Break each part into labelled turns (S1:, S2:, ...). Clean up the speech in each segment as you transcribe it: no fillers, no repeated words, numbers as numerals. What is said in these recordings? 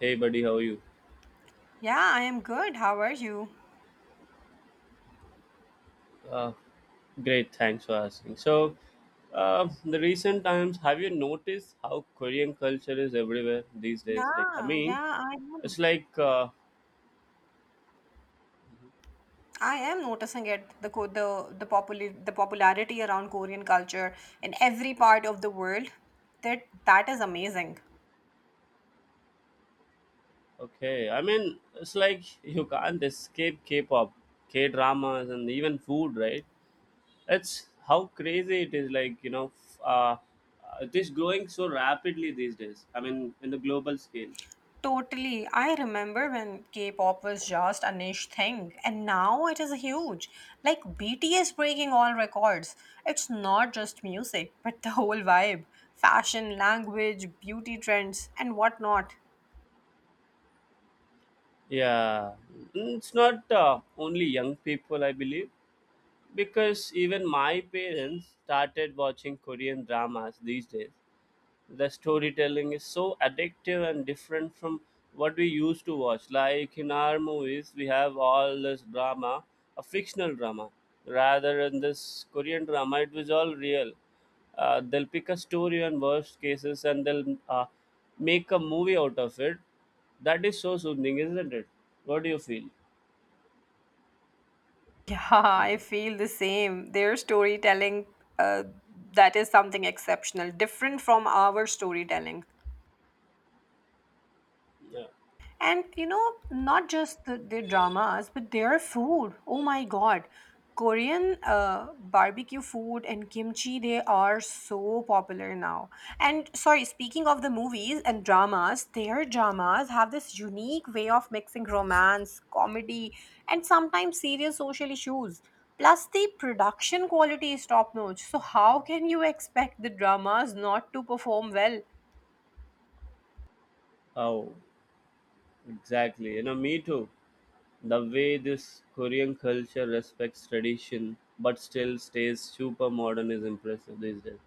S1: Hey, buddy, how are you?
S2: Yeah, I am good. How are you?
S1: Uh, Great, thanks for asking. The recent times, have you noticed how Korean culture is everywhere these days? Like, I
S2: Yeah,
S1: mean,
S2: yeah, I am.
S1: it's like,
S2: I am noticing it, the the popular the popularity around Korean culture in every part of the world. That is amazing.
S1: okay, I mean, it's like you can't escape K pop, K dramas, and even food, right? It's how crazy it is, it is growing so rapidly these days. I mean, in the global scale.
S2: Totally. I remember when K-pop was just a niche thing, and now it is huge. Like BTS breaking all records. It's not just music, but the whole vibe, fashion, language, beauty trends, and whatnot.
S1: Yeah. Mm, it's not only young people, I believe, because even my parents started watching Korean dramas these days. The storytelling is so addictive and different from what we used to watch. Like in our movies we have all this drama, a fictional drama, rather than this Korean drama. It was all real. They'll pick a story on worst cases and they'll make a movie out of it. That is so soothing, isn't it? What do you feel?
S2: Yeah, I feel the same. Their storytelling, uh, that is something exceptional, different from our storytelling. And you know, not just their dramas, but their food. Oh my God. Korean barbecue food and kimchi, they are so popular now. And sorry, speaking of the movies and dramas, their dramas have this unique way of mixing romance, comedy, and sometimes serious social issues. Plus, the production quality is top notch. So, how can you expect the dramas not to perform well?
S1: Oh, exactly. You know, me too. The way this Korean culture respects tradition but still stays super modern is impressive these days.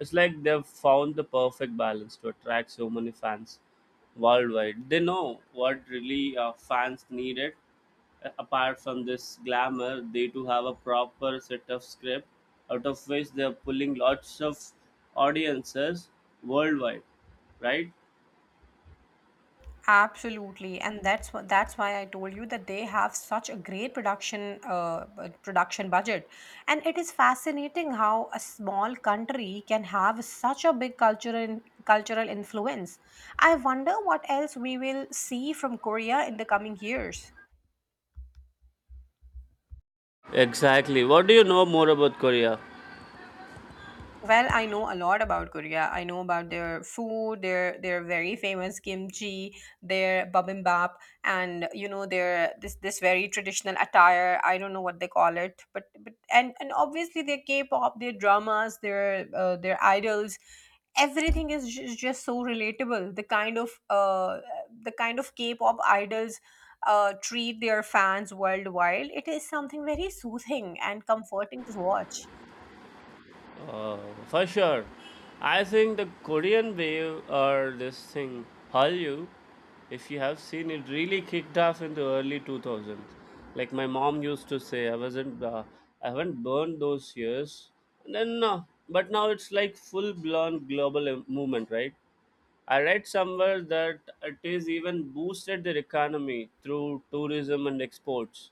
S1: It's like they've found the perfect balance to attract so many fans worldwide. They know what really fans needed. Apart from this glamour, they too have a proper set of script out of which they're pulling lots of audiences worldwide, right?
S2: Absolutely, and that's why I told you that they have such a great production production budget, and it is fascinating how a small country can have such a big cultural influence. I wonder what else we will see from Korea in the coming years.
S1: Exactly. What do you know more about Korea?
S2: Well, I know a lot about Korea. I know about their food, their very famous kimchi, their bibimbap, and you know their this very traditional attire. I don't know what they call it, but and obviously their K-pop, their dramas, their idols, everything is just so relatable. The kind of the kind of K-pop idols treat their fans worldwide. It is something very soothing and comforting to watch.
S1: Uh, for sure. I think the Korean wave, or this thing, Hallyu, if you have seen it, really kicked off in the early 2000s. Like my mom used to say, I haven't burned those years. And then, uh, but now it's like full blown global movement, right? I read somewhere that it is even boosted their economy through tourism and exports.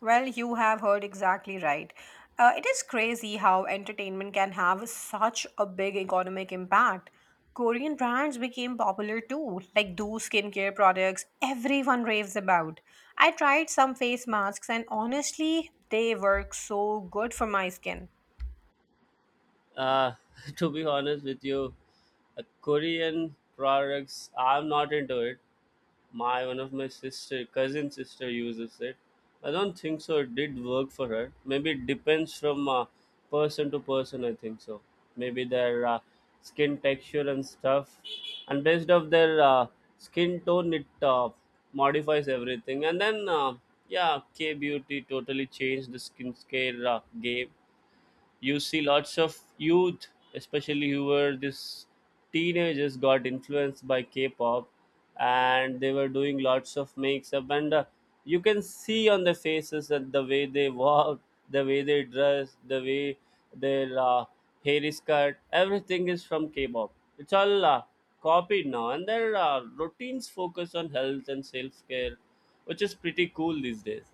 S2: Well, you have heard exactly right. It is crazy how entertainment can have such a big economic impact. Korean brands became popular too, like those skincare products everyone raves about. I tried some face masks and honestly, they work so good for my skin.
S1: Uh, to be honest with you, Korean products, I'm not into it. My one of my sister, cousin sister uses it. I don't think so. It did work for her. Maybe it depends from person to person, I think so. Maybe their skin texture and stuff, and based off their skin tone, it modifies everything. Yeah, K beauty totally changed the skincare game. You see lots of youth, especially who were this teenagers, got influenced by K-pop, and they were doing lots of makes up, and you can see on the faces that the way they walk, the way they dress, the way their hair is cut, everything is from K-pop. It's all copied now, and their routines focus on health and self-care, which is pretty cool these days.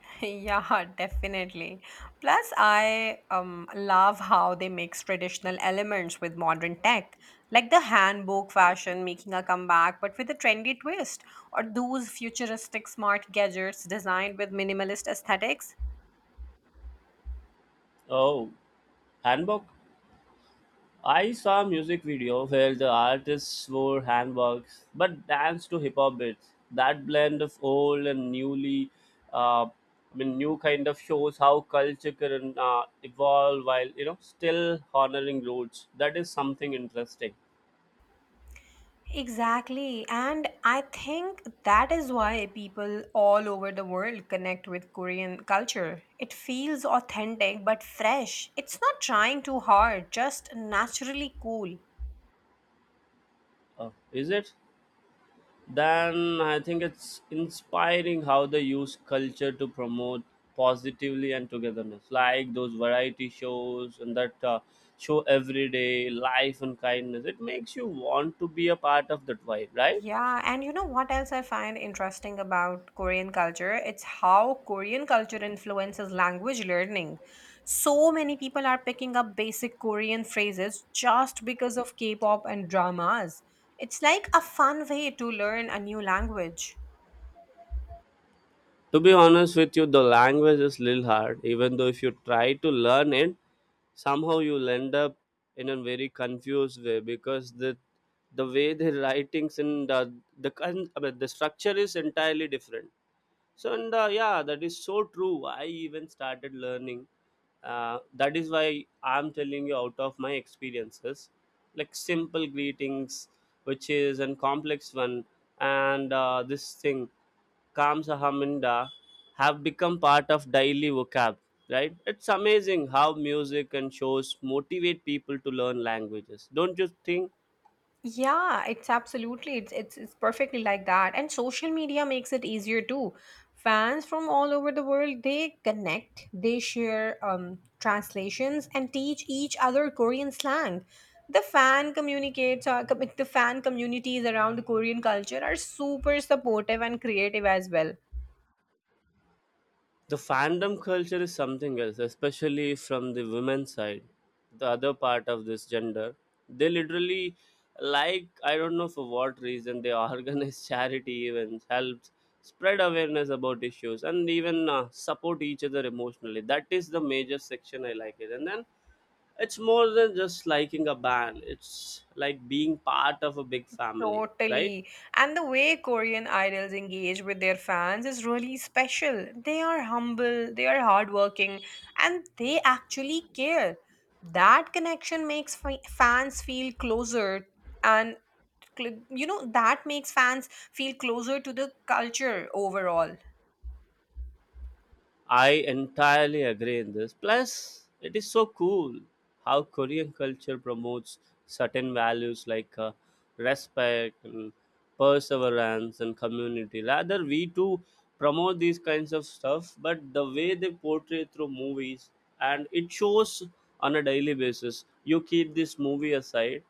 S2: Yeah, definitely. Plus, I love how they mix traditional elements with modern tech, like the handbook fashion making a comeback, but with a trendy twist, or those futuristic smart gadgets designed with minimalist aesthetics.
S1: Oh, Hanbok. I saw a music video where the artists wore handbags but danced to hip hop beats. That blend of old and newly, I mean, new kind of shows how culture can evolve while, you know, still honoring roots. That is something interesting.
S2: Exactly. And I think that is why people all over the world connect with Korean culture. It feels authentic but fresh. It's not trying too hard, just naturally cool.
S1: Uh, is it? Then I think it's inspiring how they use culture to promote positively and togetherness, like those variety shows and that show everyday life and kindness. It makes you want to be a part of that vibe, right?
S2: Yeah, and you know what else I find interesting about Korean culture? It's how Korean culture influences language learning. So many people are picking up basic Korean phrases just because of K pop and dramas. It's like a fun way to learn a new language.
S1: To be honest with you, the language is little hard. Even though if you try to learn it, somehow you'll end up in a very confused way, because the way the writings and the, con- I mean, the structure is entirely different. So and yeah, that is so true. I even started learning. That is why I'm telling you out of my experiences, like simple greetings, which is an complex one, and this thing, Kamsa Haminda, have become part of daily vocab. Right? It's amazing how music and shows motivate people to learn languages. Don't you think?
S2: Yeah, it's absolutely it's perfectly like that. And social media makes it easier too. Fans from all over the world, they connect, they share translations and teach each other Korean slang. The fan communities around the Korean culture are super supportive and creative as well.
S1: The fandom culture is something else, especially from the women's side, the other part of this gender. They literally, like I don't know for what reason, they organize charity events, helps spread awareness about issues, and even support each other emotionally. That is the major section I like it, and then it's more than just liking a band. It's like being part of a big family, right?
S2: Totally. And the way Korean idols engage with their fans is really special. They are humble, they are hardworking, and they actually care. That connection makes fans feel closer and you know that makes fans feel closer to the culture overall.
S1: I entirely agree in this. Plus, it is so cool how Korean culture promotes certain values like respect and perseverance and community. Rather, we too promote these kinds of stuff, but the way they portray through movies and it shows on a daily basis. You keep this movie aside,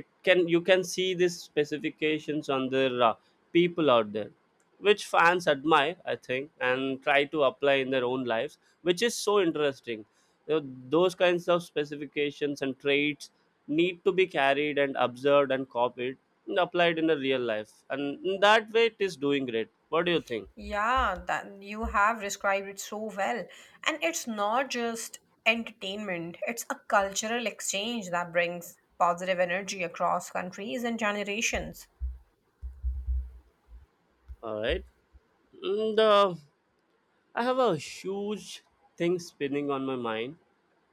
S1: it can, you can see these specifications on their people out there, which fans admire, I think, and try to apply in their own lives, which is so interesting. You know, those kinds of specifications and traits need to be carried and observed and copied and applied in a real life, and in that way it is doing great. What do you think?
S2: Yeah, that you have described it so well. And it's not just entertainment, it's a cultural exchange that brings positive energy across countries and generations.
S1: All right, and I have a huge thing spinning on my mind,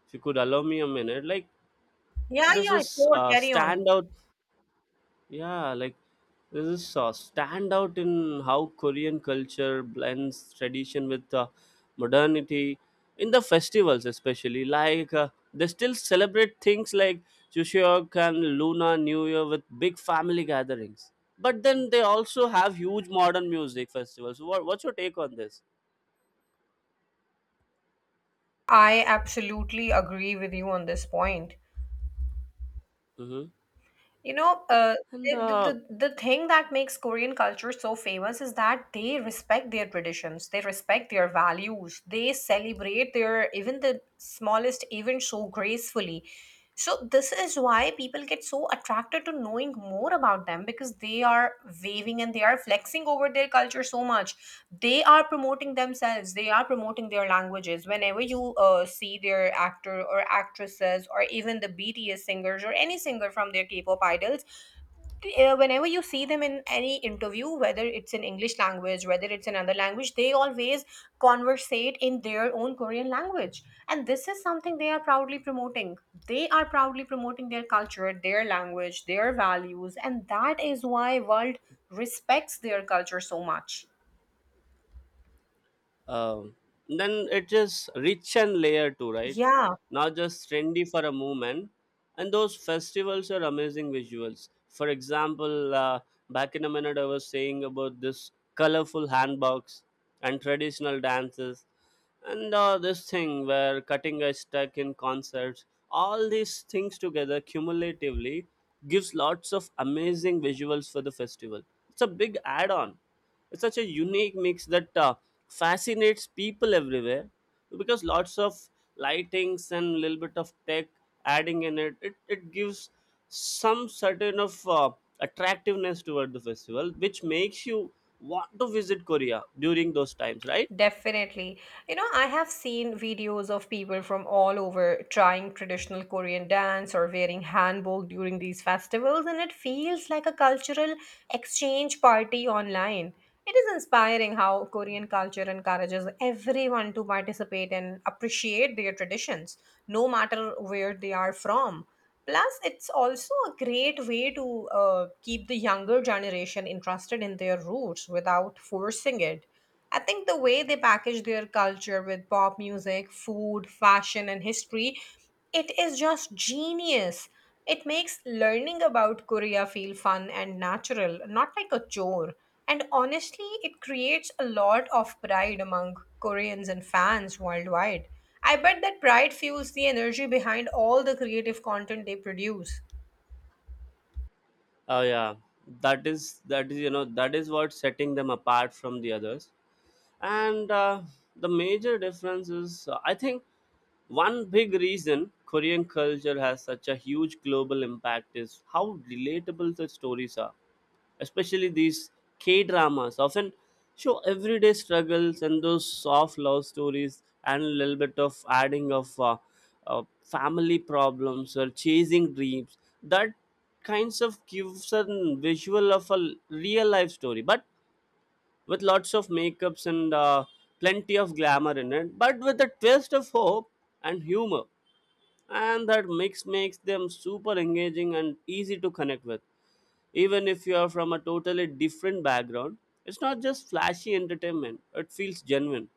S1: if you could allow me a minute like.
S2: Yeah,
S1: This
S2: yeah,
S1: is
S2: sure, carry on.
S1: standout. Yeah, like this is stand out in how Korean culture blends tradition with modernity in the festivals, especially. They still celebrate things like Chuseok and Luna New Year with big family gatherings. But then they also have huge modern music festivals. What's your take on this?
S2: I absolutely agree with you on this point.
S1: Hmm.
S2: You know,
S1: And
S2: the, the, the thing that makes Korean culture so famous is that they respect their traditions, they respect their values, they celebrate their even the smallest event so gracefully. So this is why people get so attracted to knowing more about them because they are waving and they are flexing over their culture so much. They are promoting themselves, they are promoting their languages, whenever you see their actor or actresses or even the BTS singers or any singer from their K-pop idols, whenever you see them in any interview, whether it's in English language, whether it's another language, they always conversate in their own Korean language. And this is something they are proudly promoting. They are proudly promoting their culture, their language, their values, and that is why world respects their culture so much.
S1: Um, then it is rich and layer too, right?
S2: Yeah.
S1: Not just trendy for a moment. And those festivals are amazing visuals. For example, back in a minute I was saying about this colorful handbox and traditional dances, and this thing where cutting edge stuck in concerts, all these things together cumulatively gives lots of amazing visuals for the festival. It's a big add-on. It's such a unique mix that fascinates people everywhere, because lots of lightings and little bit of tech adding in it, it gives some certain of attractiveness toward the festival, which makes you want to visit Korea during those times, right?
S2: Definitely. You know, I have seen videos of people from all over trying traditional Korean dance or wearing hanbok during these festivals, and it feels like a cultural exchange party online. It is inspiring how Korean culture encourages everyone to participate and appreciate their traditions, no matter where they are from. Plus, it's also a great way to keep the younger generation interested in their roots without forcing it. I think the way they package their culture with pop music, food, fashion, and history, it is just genius. It makes learning about Korea feel fun and natural, not like a chore. And honestly, it creates a lot of pride among Koreans and fans worldwide. I bet that pride fuels the energy behind all the creative content they produce.
S1: Oh yeah, that is you know, that is what setting them apart from the others. And The major difference is, I think, one big reason Korean culture has such a huge global impact is how relatable the stories are, especially these K dramas often show everyday struggles and those soft love stories, and a little bit of adding of family problems or chasing dreams, that kinds of gives a visual of a real life story, but with lots of makeups and plenty of glamour in it, but with a twist of hope and humor. And that mix makes them super engaging and easy to connect with, even if you are from a totally different background. It's not just flashy entertainment, it feels genuine.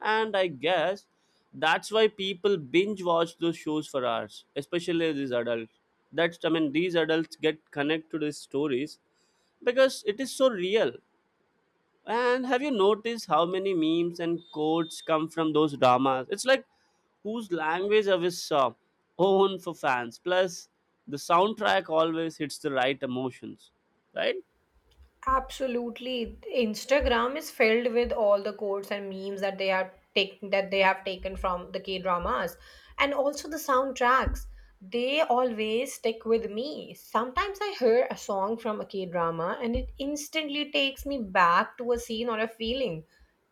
S1: And I guess that's why people binge watch those shows for hours, especially these adults. That's, I mean, these adults get connected to these stories because it is so real. And have you noticed how many memes and quotes come from those dramas? It's like whose language of his own for fans. Plus, the soundtrack always hits the right emotions, right?
S2: Absolutely. Instagram is filled with all the quotes and memes that they are taking that they have taken from the K dramas and also the soundtracks. They always stick with me. Sometimes I hear a song from a K drama and it instantly takes me back to a scene or a feeling.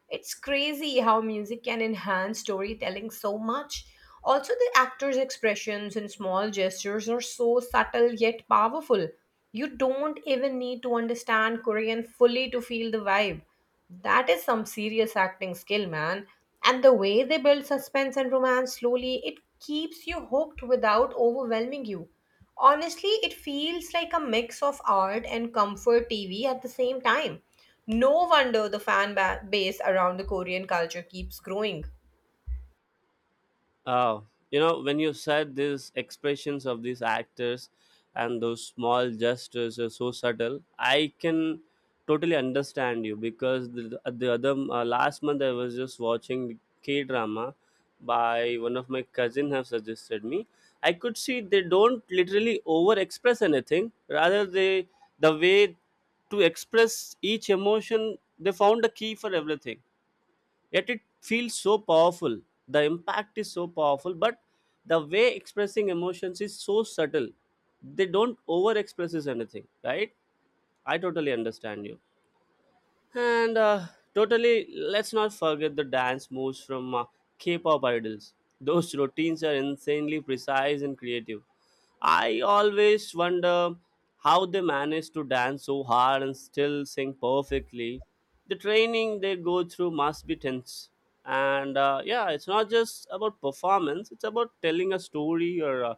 S2: It's crazy how music can enhance storytelling so much. Also, the actors' expressions and small gestures are so subtle yet powerful. You don't even need to understand Korean fully to feel the vibe. That is some serious acting skill, man. And the way they build suspense and romance slowly, it keeps you hooked without overwhelming you. Honestly, it feels like a mix of art and comfort TV at the same time. No wonder the base around the Korean culture keeps growing.
S1: Oh, you know, when you said these expressions of these actors and those small gestures are so subtle, I can totally understand you, because the other last month I was just watching K drama by one of my cousin have suggested me. I could see they don't literally over express anything, rather they, the way to express each emotion, they found a key for everything. Yet it feels so powerful. The impact is so powerful, but the way expressing emotions is so subtle, they don't over expresses anything, right? I totally understand you. And Totally, let's not forget the dance moves from K-pop idols. Those routines are insanely precise and creative. I always wonder how they manage to dance so hard and still sing perfectly. The training they go through must be tense. And Yeah, it's not just about performance, it's about telling a story or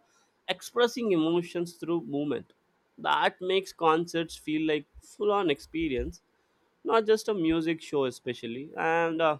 S1: expressing emotions through movement. That makes concerts feel like full on experience, not just a music show, especially. And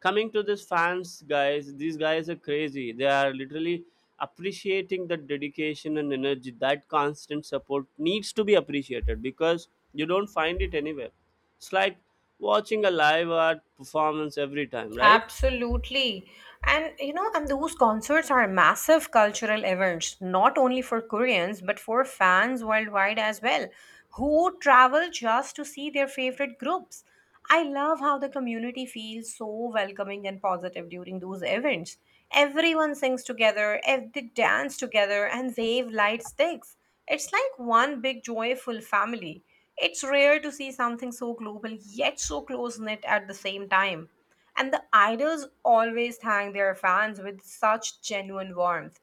S1: Coming to this fans guys, these guys are crazy, they are literally appreciating the dedication and energy. That constant support needs to be appreciated, because you don't find it anywhere. It's like watching a live art performance every time, right?
S2: Absolutely. And you know, and those concerts are massive cultural events, not only for Koreans, but for fans worldwide as well, who travel just to see their favorite groups. I love how the community feels so welcoming and positive during those events. Everyone sings together, they dance together, and wave light sticks. It's like one big joyful family. It's rare to see something so global yet so close knit at the same time. And the idols always thank their fans with such genuine warmth.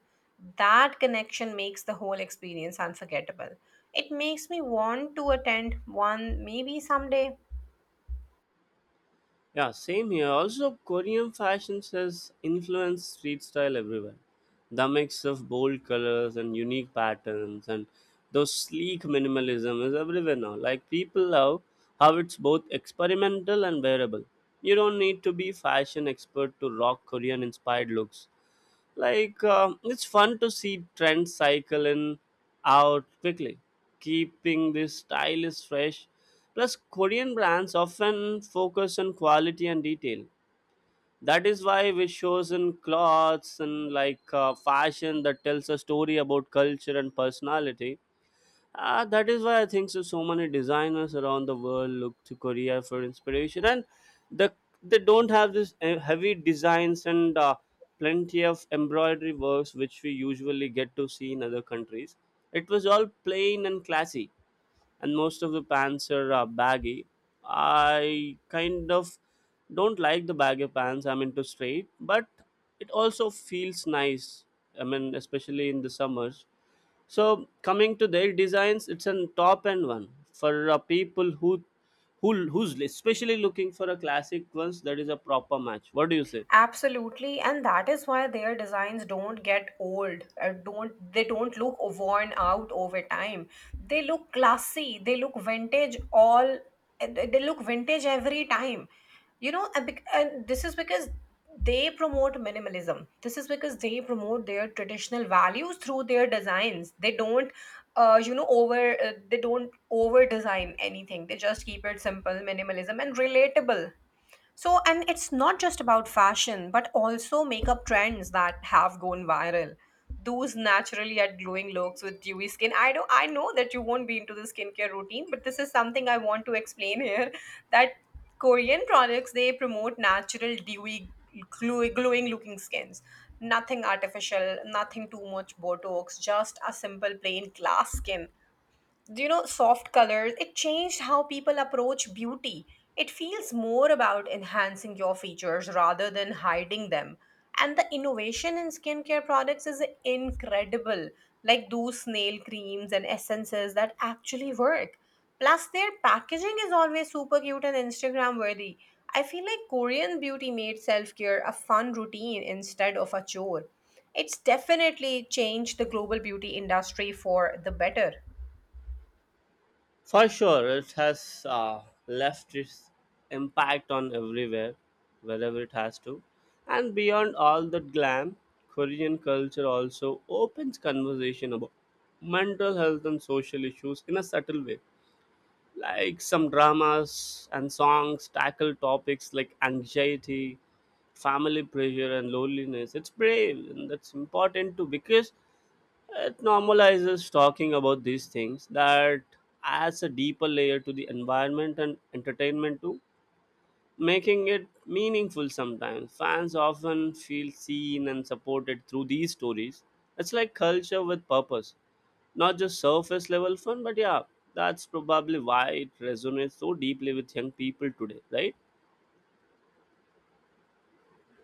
S2: That connection makes the whole experience unforgettable. It makes me want to attend one maybe someday.
S1: Yeah, same here. Also, Korean fashion has influenced street style everywhere. The mix of bold colors and unique patterns and those sleek minimalism is everywhere now. Like people love how it's both experimental and wearable. You don't need to be fashion expert to rock Korean inspired looks. It's fun to see trends cycle in out quickly, keeping this style is fresh. Plus, Korean brands often focus on quality and detail. That is why we shows in clothes and like fashion that tells a story about culture and personality. That is why I think so. So many designers around the world look to Korea for inspiration, and the they don't have this heavy designs and plenty of embroidery works which we usually get to see in other countries. It was all plain and classy, and most of the pants are baggy. I kind of don't like the baggy pants. I'm into straight, but it also feels nice. I mean, especially in the summers, so coming to their designs, it's a top end one for people who's especially looking for a classic ones. That is a proper match. What do you say?
S2: Absolutely, and that is why their designs don't get old. Don't They don't look worn out over time. They look classy. They look vintage every time. You know, and, and this is because they promote minimalism. This is because they promote their traditional values through their designs. They don't, you know, over. They don't over design anything. They just keep it simple, minimalism, and relatable. So, and it's not just about fashion, but also makeup trends that have gone viral. Those naturally at glowing looks with dewy skin. I know that you won't be into the skincare routine, but this is something I want to explain here that Korean products they promote natural dewy glowing looking skins. Nothing artificial, nothing too much botox, just a simple plain glass skin, you know, soft colors? It changed how people approach beauty. It feels more about enhancing your features rather than hiding them. And the innovation in skincare products is incredible. Like those snail creams and essences that actually work. Plus, their packaging is always super cute and Instagram worthy. I feel like Korean beauty made self care a fun routine instead of a chore. It's definitely changed the global beauty industry for the better.
S1: For sure, it has left its impact on everywhere, wherever it has to, and beyond all that glam, Korean culture also opens conversation about mental health and social issues in a subtle way, like some dramas and songs tackle topics like anxiety, family pressure and loneliness. It's brave, and that's important too, because it normalizes talking about these things that adds a deeper layer to the environment and entertainment too, making it meaningful. Sometimes fans often feel seen and supported through these stories. It's like culture with purpose, not just surface level fun. But yeah, that's probably why it resonates so deeply with young people today, right?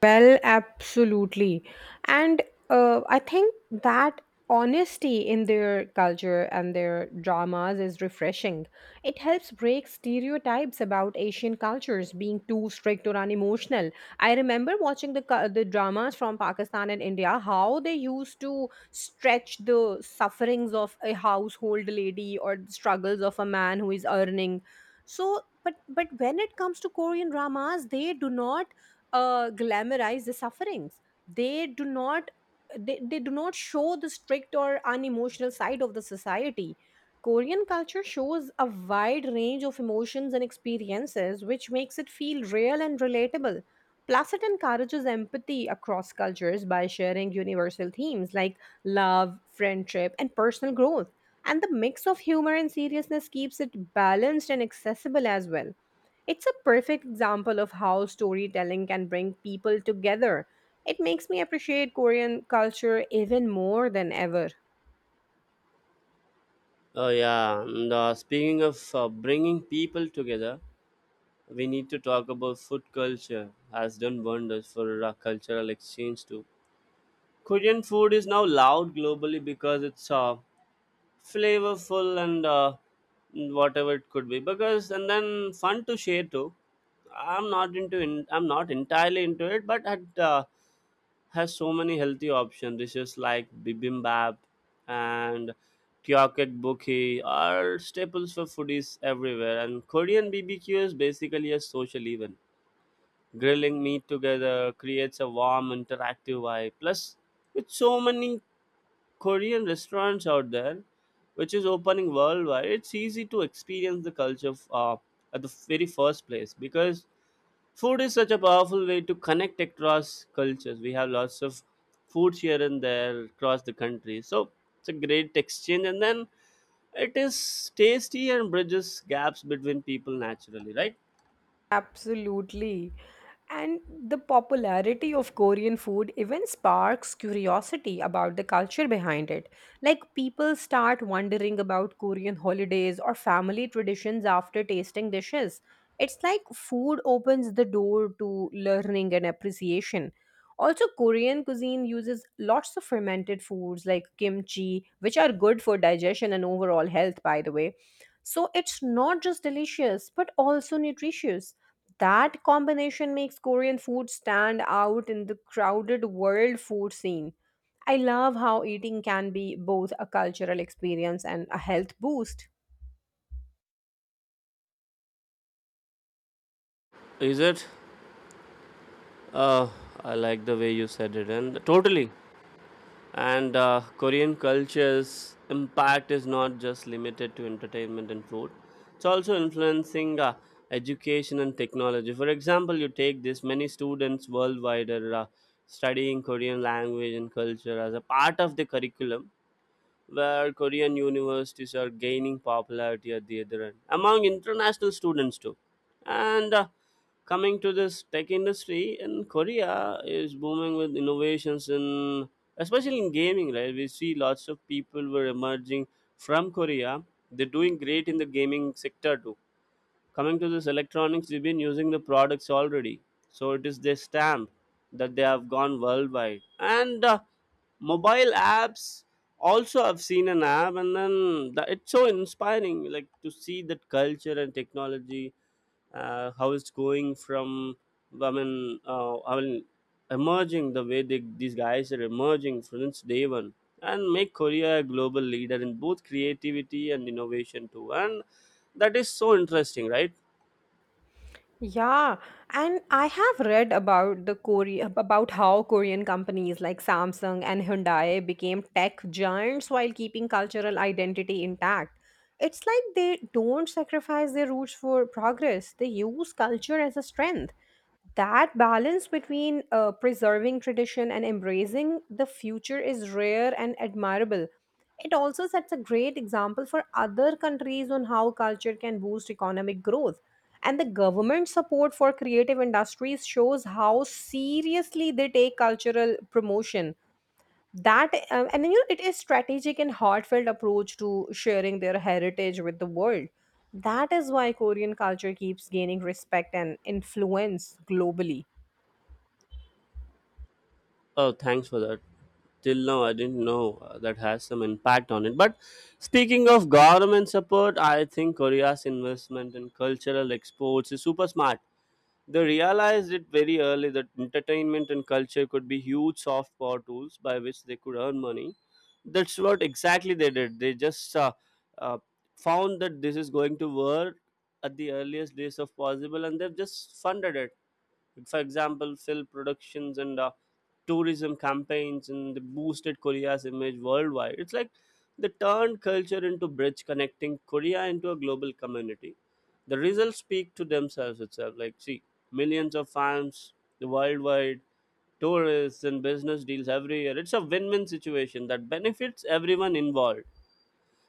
S2: Well, absolutely. And I think that honesty in their culture and their dramas is refreshing. It helps break stereotypes about Asian cultures being too strict or unemotional. I remember watching the dramas from Pakistan and India, how they used to stretch the sufferings of a household lady or the struggles of a man who is earning. But when it comes to Korean dramas, they do not glamorize the sufferings. they do not they do not show the strict or unemotional side of the society. Korean culture shows a wide range of emotions and experiences, which makes it feel real and relatable. Plus, it encourages empathy across cultures by sharing universal themes like love, friendship, and personal growth. And the mix of humor and seriousness keeps it balanced and accessible as well. It's a perfect example of how storytelling can bring people together. It makes me appreciate Korean culture even more than ever.
S1: Oh yeah, and speaking of bringing people together, we need to talk about food. Culture has done wonders for cultural exchange too. Korean food is now loud globally because it's flavorful and whatever it could be, because, and then fun to share too. I'm not entirely into it, but it has so many healthy option dishes like bibimbap and kyoket bukhi are staples for foodies everywhere. And Korean bbq is basically a social event. Grilling meat together creates a warm interactive vibe. Plus, with so many Korean restaurants out there, which is opening worldwide, it's easy to experience the culture of, at the very first place, because food is such a powerful way to connect across cultures. We have lots of foods here and there across the country, so it's a great exchange. And then it is tasty and bridges gaps between people naturally, right?
S2: Absolutely. And the popularity of Korean food even sparks curiosity about the culture behind it. Like, people start wondering about Korean holidays or family traditions after tasting dishes. It's like food opens the door to learning and appreciation. Also, Korean cuisine uses lots of fermented foods like kimchi, which are good for digestion and overall health, by the way. So, it's not just delicious, but also nutritious. That combination makes Korean food stand out in the crowded world food scene. I love how eating can be both a cultural experience and a health boost.
S1: Is it? Uh, I like the way you said it, and totally. And Korean culture's impact is not just limited to entertainment and food, it's also influencing education and technology. For example, you take this, many students worldwide are studying Korean language and culture as a part of the curriculum, where Korean universities are gaining popularity at the other end among international students too. And coming to this, tech industry in Korea is booming with innovations in, especially in gaming, right? We see lots of people were emerging from Korea. They're doing great in the gaming sector too. Coming to this electronics, we've been using the products already, so it is their stamp that they have gone worldwide. And mobile apps, also I've seen an app. And then it's so inspiring, like to see that culture and technology, how it's going from, I mean, emerging the way these guys are emerging since day one, and make Korea a global leader in both creativity and innovation too. And that is so interesting, right?
S2: Yeah, and I have read about the Korea about how Korean companies like Samsung and Hyundai became tech giants while keeping cultural identity intact. It's like they don't sacrifice their roots for progress. They use culture as a strength. That balance between preserving tradition and embracing the future is rare and admirable. It also sets a great example for other countries on how culture can boost economic growth. And the government support for creative industries shows how seriously they take cultural promotion. That And you know, it is strategic and heartfelt approach to sharing their heritage with the world. That is why Korean culture keeps gaining respect and influence globally.
S1: Oh, thanks for that. Till now, I didn't know that has some impact on it. But speaking of government support, I think Korea's investment in cultural exports is super smart. They realized it very early that entertainment and culture could be huge soft power tools by which they could earn money. That's what exactly they did. They just uh, found that this is going to work at the earliest days of possible, and they've just funded it. Like, for example, film productions and tourism campaigns, and they boosted Korea's image worldwide. It's like they turned culture into bridge connecting Korea into a global community. The results speak to themselves itself. Like, see, millions of fans, the worldwide tourists and business deals every year. It's a win-win situation that benefits everyone involved.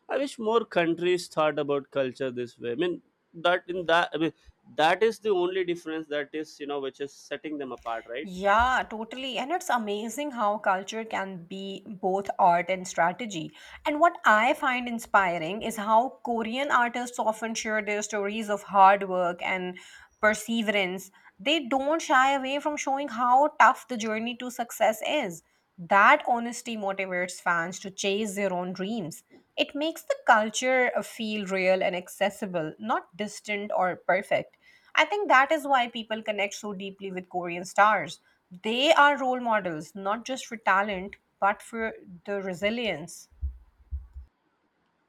S1: I wish more countries thought about culture this way. I mean, that is the only difference, that is, you know, which is setting them apart, right?
S2: Yeah, totally. And it's amazing how culture can be both art and strategy. And what I find inspiring is how Korean artists often share their stories of hard work and perseverance. They don't shy away from showing how tough the journey to success is. That honesty motivates fans to chase their own dreams. It makes the culture feel real and accessible, not distant or perfect. I think that is why people connect so deeply with Korean stars. They are role models, not just for talent, but for the resilience.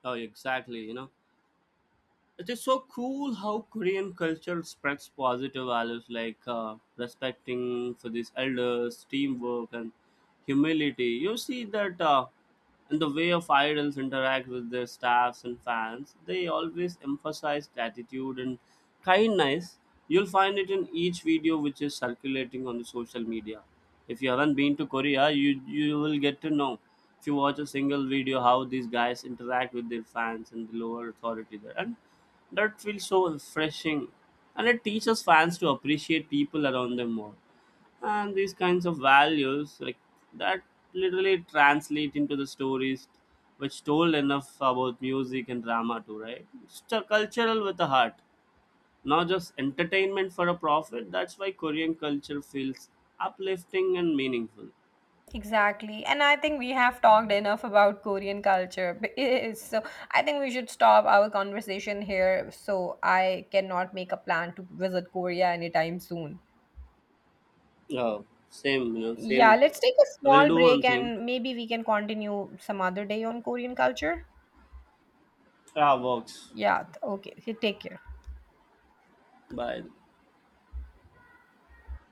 S1: Oh, exactly. You know, it is so cool how Korean culture spreads positive values like respecting for these elders, teamwork, and humility. You see that in the way of idols interact with their staffs and fans, they always emphasize gratitude and kindness. You'll find it in each video which is circulating on the social media. If you haven't been to Korea, you will get to know. If you watch a single video how these guys interact with their fans and the lower authority there, and that feels so refreshing, and it teaches fans to appreciate people around them more. And these kinds of values like that literally translate into the stories which told enough about music and drama too, right? It's a cultural with a heart, not just entertainment for a profit. That's why Korean culture feels uplifting and meaningful.
S2: Exactly. And I think we have talked enough about Korean culture. B- So I think we should stop our conversation here. So I cannot make a plan to visit Korea anytime soon.
S1: Oh, same, you know,
S2: Yeah,
S1: same.
S2: let's take a
S1: I
S2: small
S1: will do one
S2: break
S1: thing.
S2: and maybe we can continue some other day on Korean culture.
S1: Ah, works.
S2: Yeah, okay. Okay, take care.
S1: Bye.